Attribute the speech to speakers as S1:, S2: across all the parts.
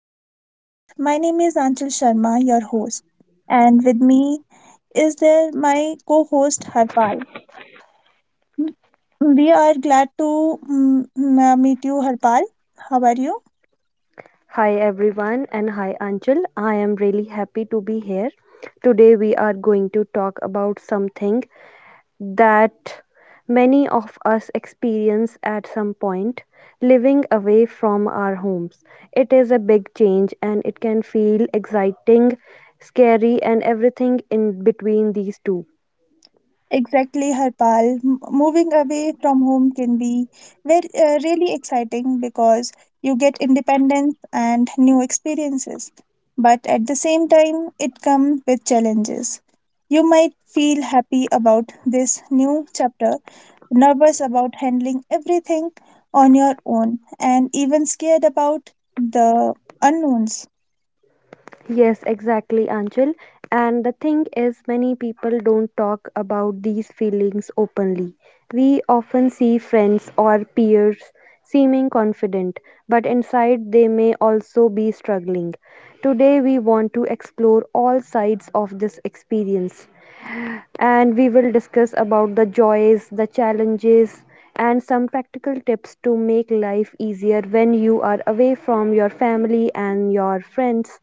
S1: to our podcast. My name is Anchal Sharma, your host. And with me is there my co host, Harpal. We are glad to meet you, Harpal. How are you?
S2: Hi everyone and hi Anchal. I am really happy to be here. Today we are going to talk about something that many of us experience at some point living away from our homes. It is a big change and it can feel exciting, scary, and everything in between these two.
S1: Exactly, Harpal. Moving away from home can be very really exciting because you get independence and new experiences. But at the same time, it comes with challenges. You might feel happy about this new chapter, nervous about handling everything on your own, and even scared about the unknowns.
S2: Yes, exactly, Anchal. And the thing is, many people don't talk about these feelings openly. We often see friends or peers seeming confident, but inside they may also be struggling. Today, we want to explore all sides of this experience and we will discuss about the joys, the challenges, and some practical tips to make life easier when you are away from your family and your friends.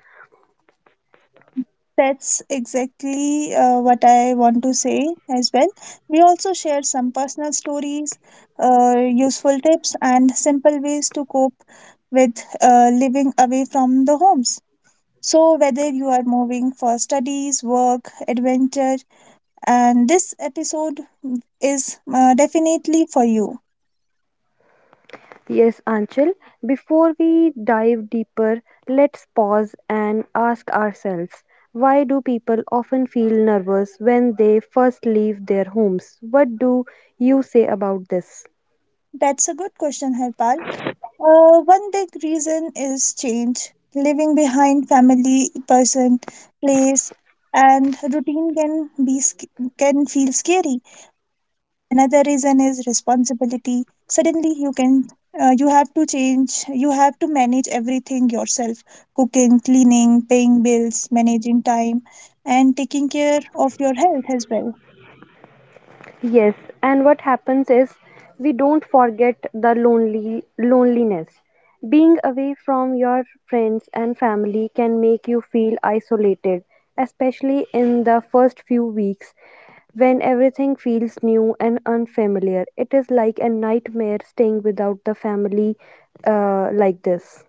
S1: That's what I want to say as well. We also shared some personal stories, useful tips, and simple ways to cope with living away from the homes. So, whether you are moving for studies, work, adventure, and this episode is definitely for you.
S2: Yes, Anchal, before we dive deeper, let's pause and ask ourselves, why do people often feel nervous when they first leave their homes? What do you say about this?
S1: That's a good question, Harpal. One big reason is change. Leaving behind family, person, place, and routine can can feel scary. Another reason is responsibility. Suddenly, you have to change. You have to manage everything yourself: cooking, cleaning, paying bills, managing time, and taking care of your health as well.
S2: Yes, and what happens is we don't forget the lonely loneliness. Being away from your friends and family can make you feel isolated, especially in the first few weeks when everything feels new and unfamiliar. It is like a nightmare staying without the family like this.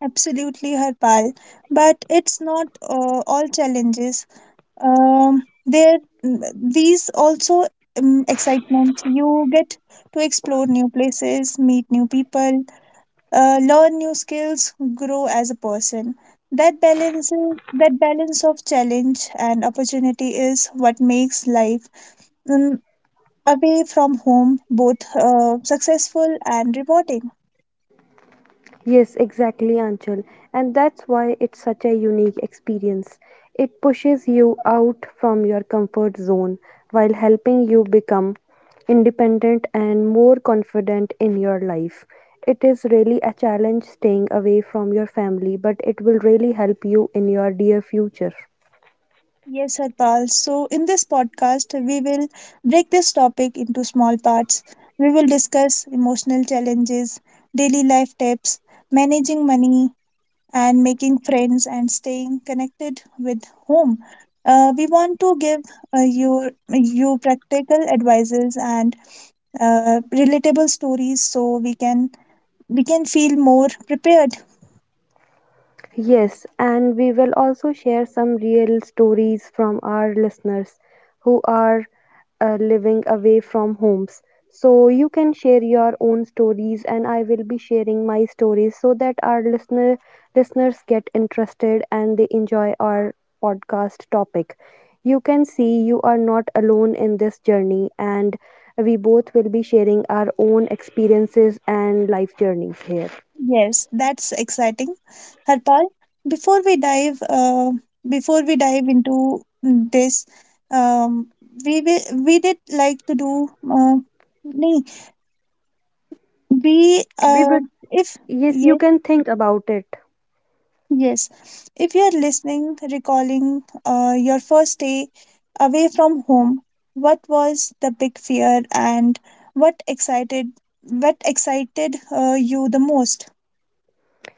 S1: Absolutely, Harpal. But it's not all challenges. There, these also excitement. You get to explore new places, meet new people, learn new skills, grow as a person. That balance, that balance of challenge and opportunity is what makes life um, away from home both successful and rewarding.
S2: Yes, exactly, Anchal. And that's why it's such a unique experience. It pushes you out from your comfort zone while helping you become independent and more confident in your life. It is really a challenge staying away from your family, but it will really help you in your dear future.
S1: Yes, Harpal. So, in this podcast, we will break this topic into small parts. We will discuss emotional challenges, daily life tips, managing money, and making friends and staying connected with home. We want to give you practical advices and relatable stories so we can feel more prepared.
S2: Yes, and we will also share some real stories from our listeners who are living away from homes. So you can share your own stories, and I will be sharing my stories so that our listeners get interested and they enjoy our podcast topic. You can see you are not alone in this journey, and we both will be sharing our own experiences and life journeys here.
S1: Yes, that's exciting. Harpal, before we dive uh, before we dive into this, um, we did like to do nahi, we
S2: We would.
S1: if
S2: Yes, you
S1: yes.
S2: can think about it.
S1: Yes, if you are listening recalling your first day away from home, what was the big fear and what excited what excited you the most?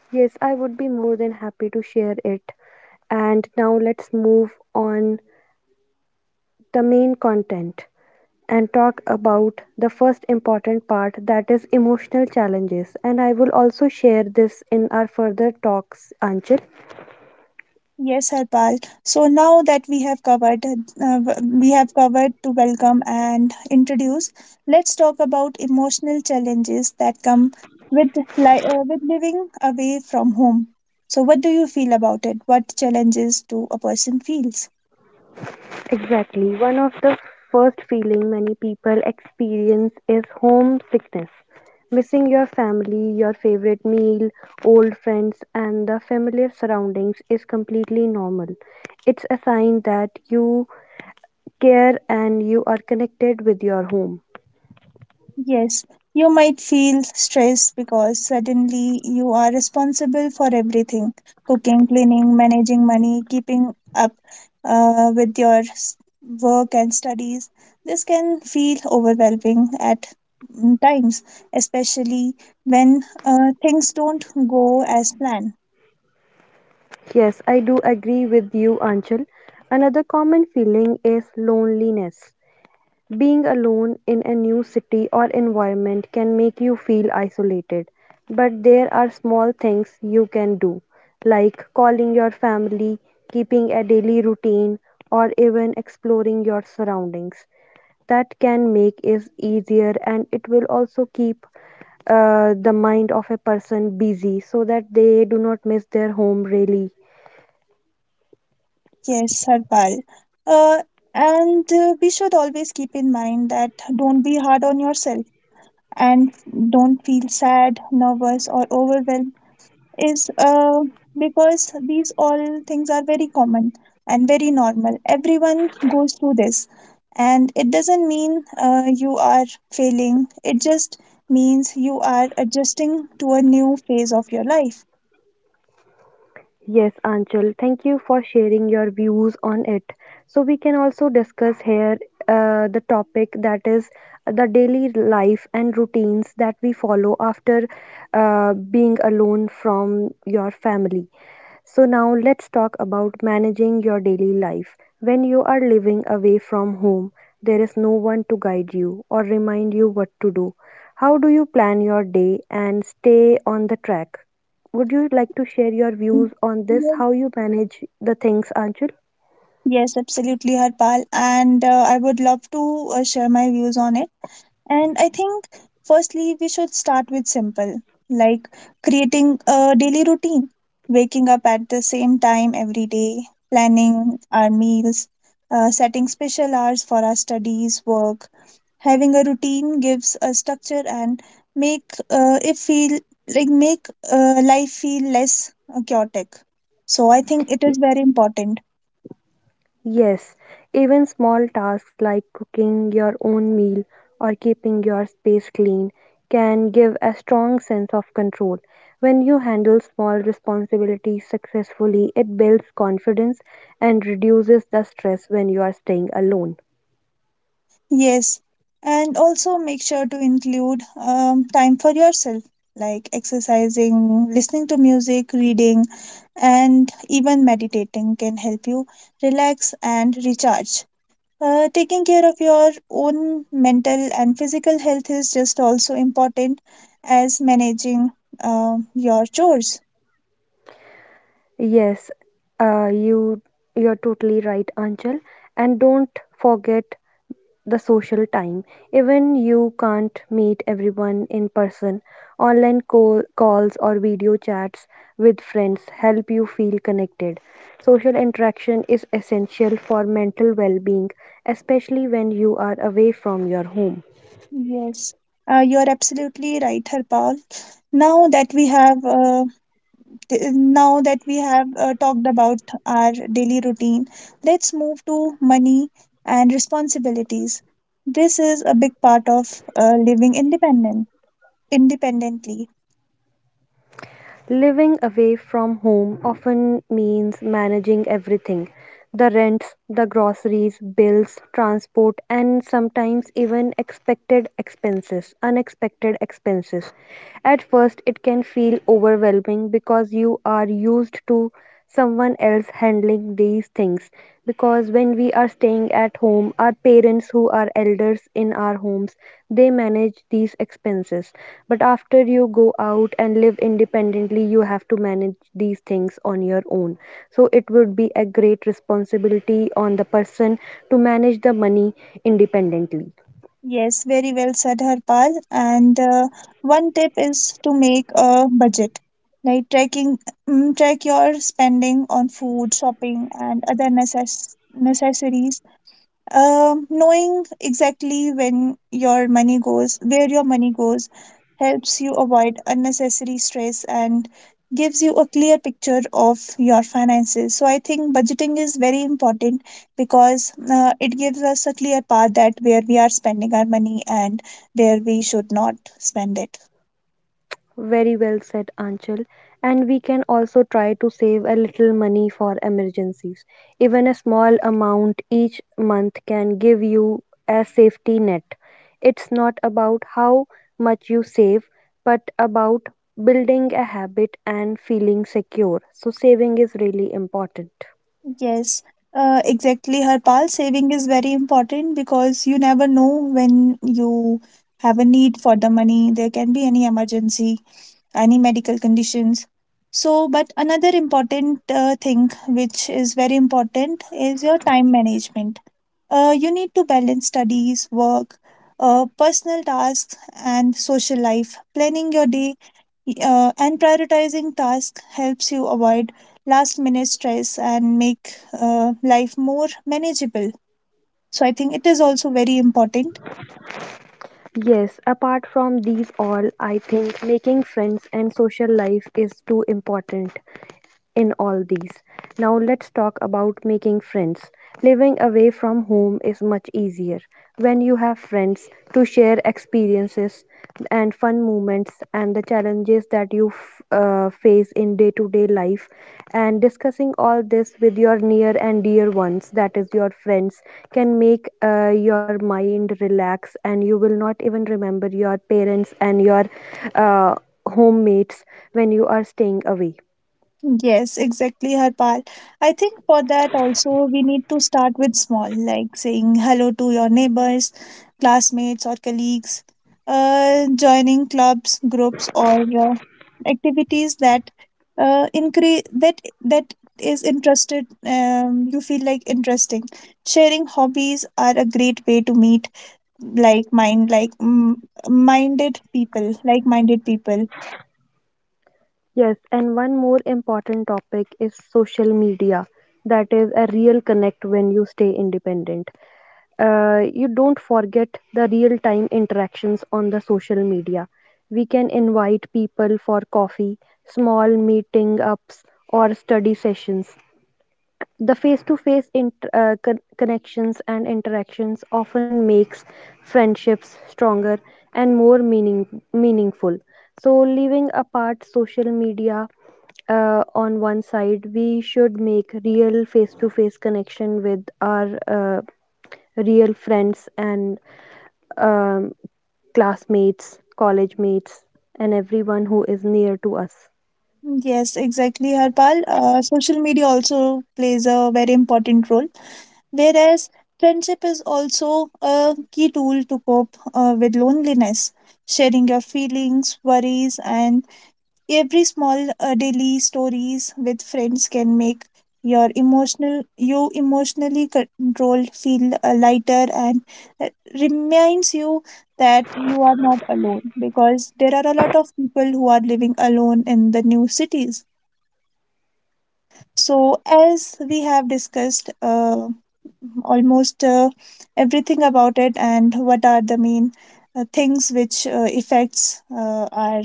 S2: Yes, I would be more than happy to share it. And now let's move on the main content and talk about the first important part, that is emotional challenges, and I will also share this in our further talks, Anchal.
S1: Yes, Harpal. So now that we have covered to welcome and introduce. Let's talk about emotional challenges that come with with living away from home. So, what do you feel about it? What challenges do a person feels?
S2: Exactly. One of the first feeling many people experience is homesickness. Missing your family, your favorite meal, old friends and the familiar surroundings is completely normal. It's a sign that you care and you are connected with your home.
S1: Yes, you might feel stressed because suddenly you are responsible for everything cooking, cleaning, managing money, keeping up with your work and studies. This can feel overwhelming at times, especially when things don't go as planned.
S2: Yes, I do agree with you, Anchal. Another common feeling is loneliness. Being alone in a new city or environment can make you feel isolated, but there are small things you can do, like calling your family, keeping a daily routine, or even exploring your surroundings. That can make it easier and it will also keep the mind of a person busy so that they do not miss their home really.
S1: Yes, Harpal. Uh, and We should always keep in mind that don't be hard on yourself and don't feel sad, nervous, or overwhelmed is because these all things are very common and very normal. Everyone goes through this, and it doesn't mean you are failing, it just means you are adjusting to a new phase of your life.
S2: Yes, Anchal, thank you for sharing your views on it. So, we can also discuss here the topic that is the daily life and routines that we follow after being alone from your family. So, now let's talk about managing your daily life. When you are living away from home, there is no one to guide you or remind you what to do. How do you plan your day and stay on the track? Would you like to share your views on this? How you manage the things, Anjul?
S1: Yes, absolutely, Harpal. And I would love to share my views on it. And I think, firstly, we should start with simple, like creating a daily routine, waking up at the same time every day, planning our meals, setting special hours for our studies, work. Having a routine gives a structure and make uh, it feel make life feel less chaotic. So I think it is very important.
S2: Yes, even small tasks like cooking your own meal or keeping your space clean can give a strong sense of control. When you handle small responsibilities successfully, it builds confidence and reduces the stress when you are staying alone.
S1: Yes, and also make sure to include time for yourself, like exercising, listening to music, reading, and even meditating can help you relax and recharge. Taking care of your own mental and physical health is just also important as managing your chores.
S2: Yes, uh, you you're totally right, Anchal. And don't forget the social time. Even you can't meet everyone in person, online calls or video chats with friends help you feel connected. Social interaction is essential for mental well being, especially when you are away from your home.
S1: Yes, you're absolutely right, Harpal. Now that we have uh, Now that we have talked about our daily routine, let's move to money and responsibilities. This is a big part of living independently.
S2: Living away from home often means managing everything, the rents, the groceries, bills, transport, and sometimes even expected expenses, unexpected expenses. At first, it can feel overwhelming because you are used to someone else handling these things, because when we are staying at home, our parents who are elders in our homes, they manage these expenses, but after you go out and live independently you have to manage these things on your own. So it would be a great responsibility on the person to manage the money independently.
S1: Yes, very well said, Harpal. And one tip is to make a budget, like track your spending on food, shopping, and other necessaries. Knowing exactly when your money goes, where your money goes, helps you avoid unnecessary stress and gives you a clear picture of your finances. So I think budgeting is very important because it gives us a clear path that where we are spending our money and where we should not spend it.
S2: Very well said, Anchal. And we can also try to save a little money for emergencies. Even a small amount each month can give you a safety net. It's not about how much you save, but about building a habit and feeling secure. So, saving is really important.
S1: Yes, exactly, Harpal. Saving is very important because you never know when you have a need for the money. There can be any emergency, any medical conditions. So, but another important thing which is very important is your time management. You need to balance studies, work, personal tasks, and social life. Planning your day and prioritizing tasks helps you avoid last minute stress and make life more manageable. So, I think it is also very important.
S2: Yes, apart from these all, I think making friends and social life is too important in all these. Now let's talk about making friends. Living away from home is much easier when you have friends to share experiences and fun moments and the challenges that you face in day to day life, and discussing all this with your near and dear ones, that is your friends, can make your mind relax and you will not even remember your parents and your uh, homemates when you are staying away.
S1: Yes, exactly, Harpal. I think for that also we need to start with small, like saying hello to your neighbors, classmates, or colleagues, joining clubs, groups, or activities that increase that that is interested. You feel like interesting. Sharing hobbies are a great way to meet like mind like mm, like minded people.
S2: Yes, and one more important topic is social media. That is a real connect when you stay independent. You don't forget the real time interactions on the social media. We can invite people for coffee, small meeting ups, or study sessions. The face-to-face connections and interactions often makes friendships stronger and more meaningful. So, leaving apart social media on one side, we should make real face-to-face connection with our real friends and um, classmates, college mates, and everyone who is near to us.
S1: Yes, exactly, Harpal. Social media also plays a very important role, whereas friendship is also a key tool to cope with loneliness. Sharing your feelings, worries, and every small daily stories with friends can make you emotionally controlled feel lighter and uh, reminds you that you are not alone because there are a lot of people who are living alone in the new cities. So, as we have discussed, almost everything about it and what are the main things which affects our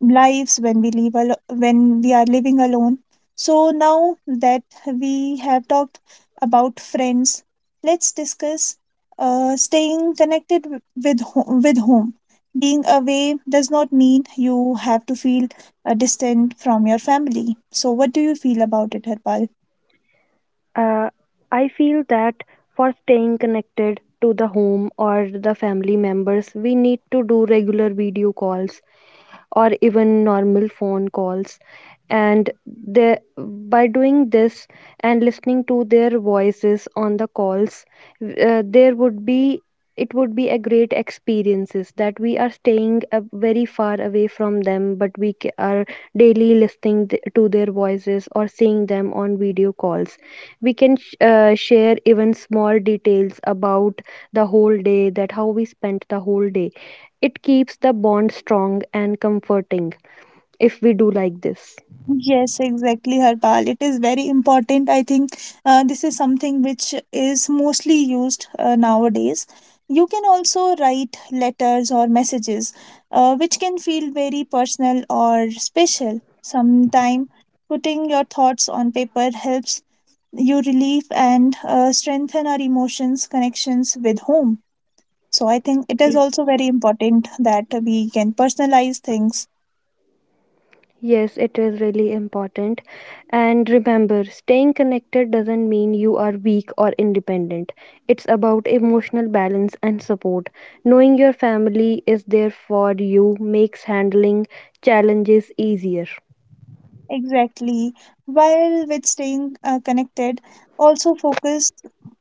S1: lives when we when we are living alone. So now that we have talked about friends, let's discuss staying connected with home. Being away does not mean you have to feel distant from your family. So what do you feel about it, Harpal?
S2: Uh, I feel that for staying connected to the home or the family members, we need to do regular video calls or even normal phone calls, and they, by doing this and listening to their voices on the calls, there would be it would be a great experiences that we are staying very far away from them, but we are daily listening to their voices or seeing them on video calls. We can share even small details about the whole day, that how we spent the whole day. It keeps the bond strong and comforting if we do like this.
S1: Yes, exactly, Harpal. It is very important. I think this is something which is mostly used nowadays. You can also write letters or messages, which can feel very personal or special. Sometime putting your thoughts on paper helps you relieve and strengthen our emotions connections with home. So I think it is also very important that we can personalize things.
S2: Yes, it is really important. And remember, staying connected doesn't mean you are weak or independent. It's about emotional balance and support. Knowing your family is there for you makes handling challenges easier.
S1: Exactly. While with staying connected, also focus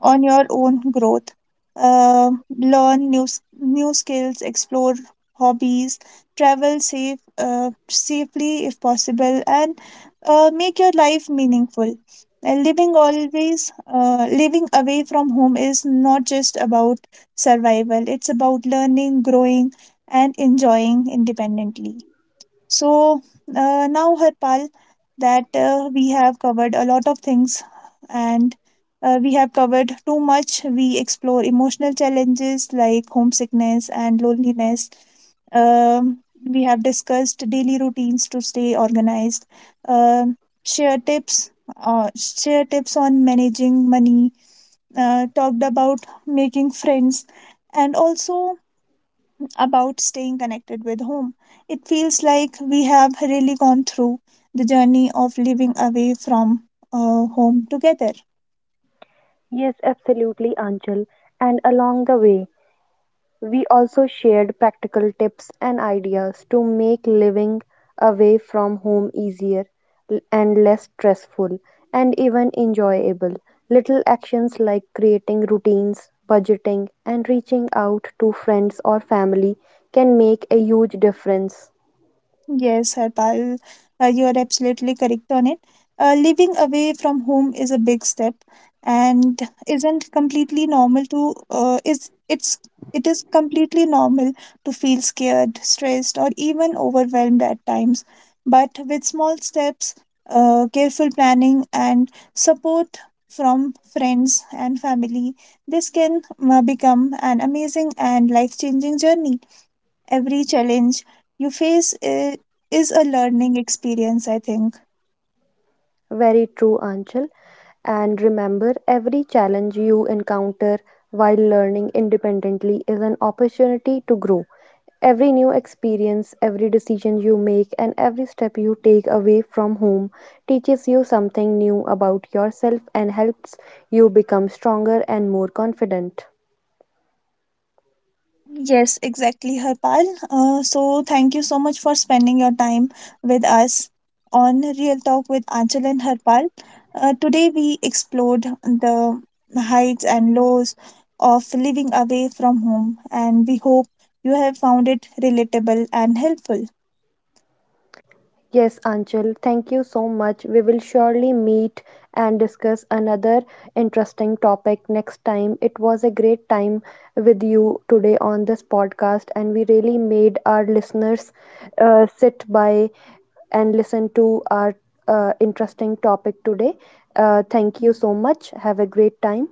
S1: on your own growth. Uh, learn new skills, explore hobbies, travel safely if possible, and make your life meaningful. And living away from home is not just about survival. It's about learning, growing, and enjoying independently. So now, Harpal, that we have covered a lot of things and we have covered too much. We explore emotional challenges like homesickness and loneliness. Um, we have discussed daily routines to stay organized. Um share tips. Share tips on managing money, talked about making friends, and also about staying connected with home. It feels like we have really gone through the journey of living away from home together.
S2: Yes, absolutely, Anchal. And along the way, we also shared practical tips and ideas to make living away from home easier and less stressful and even enjoyable. Little actions like creating routines, budgeting, and reaching out to friends or family can make a huge difference.
S1: Yes, Harpal, you are absolutely correct on it. Living away from home is a big step and isn't completely normal to is it's it is completely normal to feel scared, stressed, or even overwhelmed at times. But with small steps, careful planning, and support from friends and family, this can become an amazing and life-changing journey. Every challenge you face i- is a learning experience, I think.
S2: Very true, Anchal. And remember, every challenge you encounter while learning independently is an opportunity to grow. Every new experience, every decision you make, and every step you take away from home teaches you something new about yourself and helps you become stronger and more confident.
S1: Yes, exactly, Harpal. So thank you so much for spending your time with us on Real Talk with Anchal and Harpal. Today we explored the heights and lows of living away from home, and we hope you have found it relatable and helpful.
S2: Yes, Anchal, thank you so much. We will surely meet and discuss another interesting topic next time. It was a great time with you today on this podcast, and we really made our listeners sit by and listen to our interesting topic today. Thank you so much. Have a great time.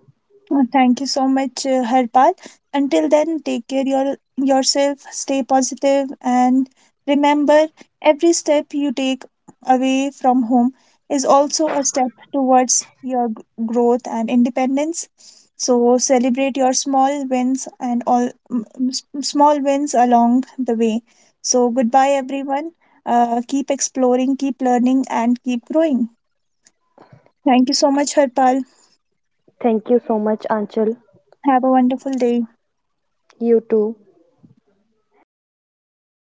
S1: Thank you so much, Harpal. Until then, take care yourself, stay positive, and remember every step you take away from home is also a step towards your growth and independence. So celebrate your small wins and all small wins along the way. So goodbye, everyone. Keep exploring, keep learning, and keep growing. Thank you so much, Harpal.
S2: Thank you so much, Anchal.
S1: Have a wonderful day.
S2: You too.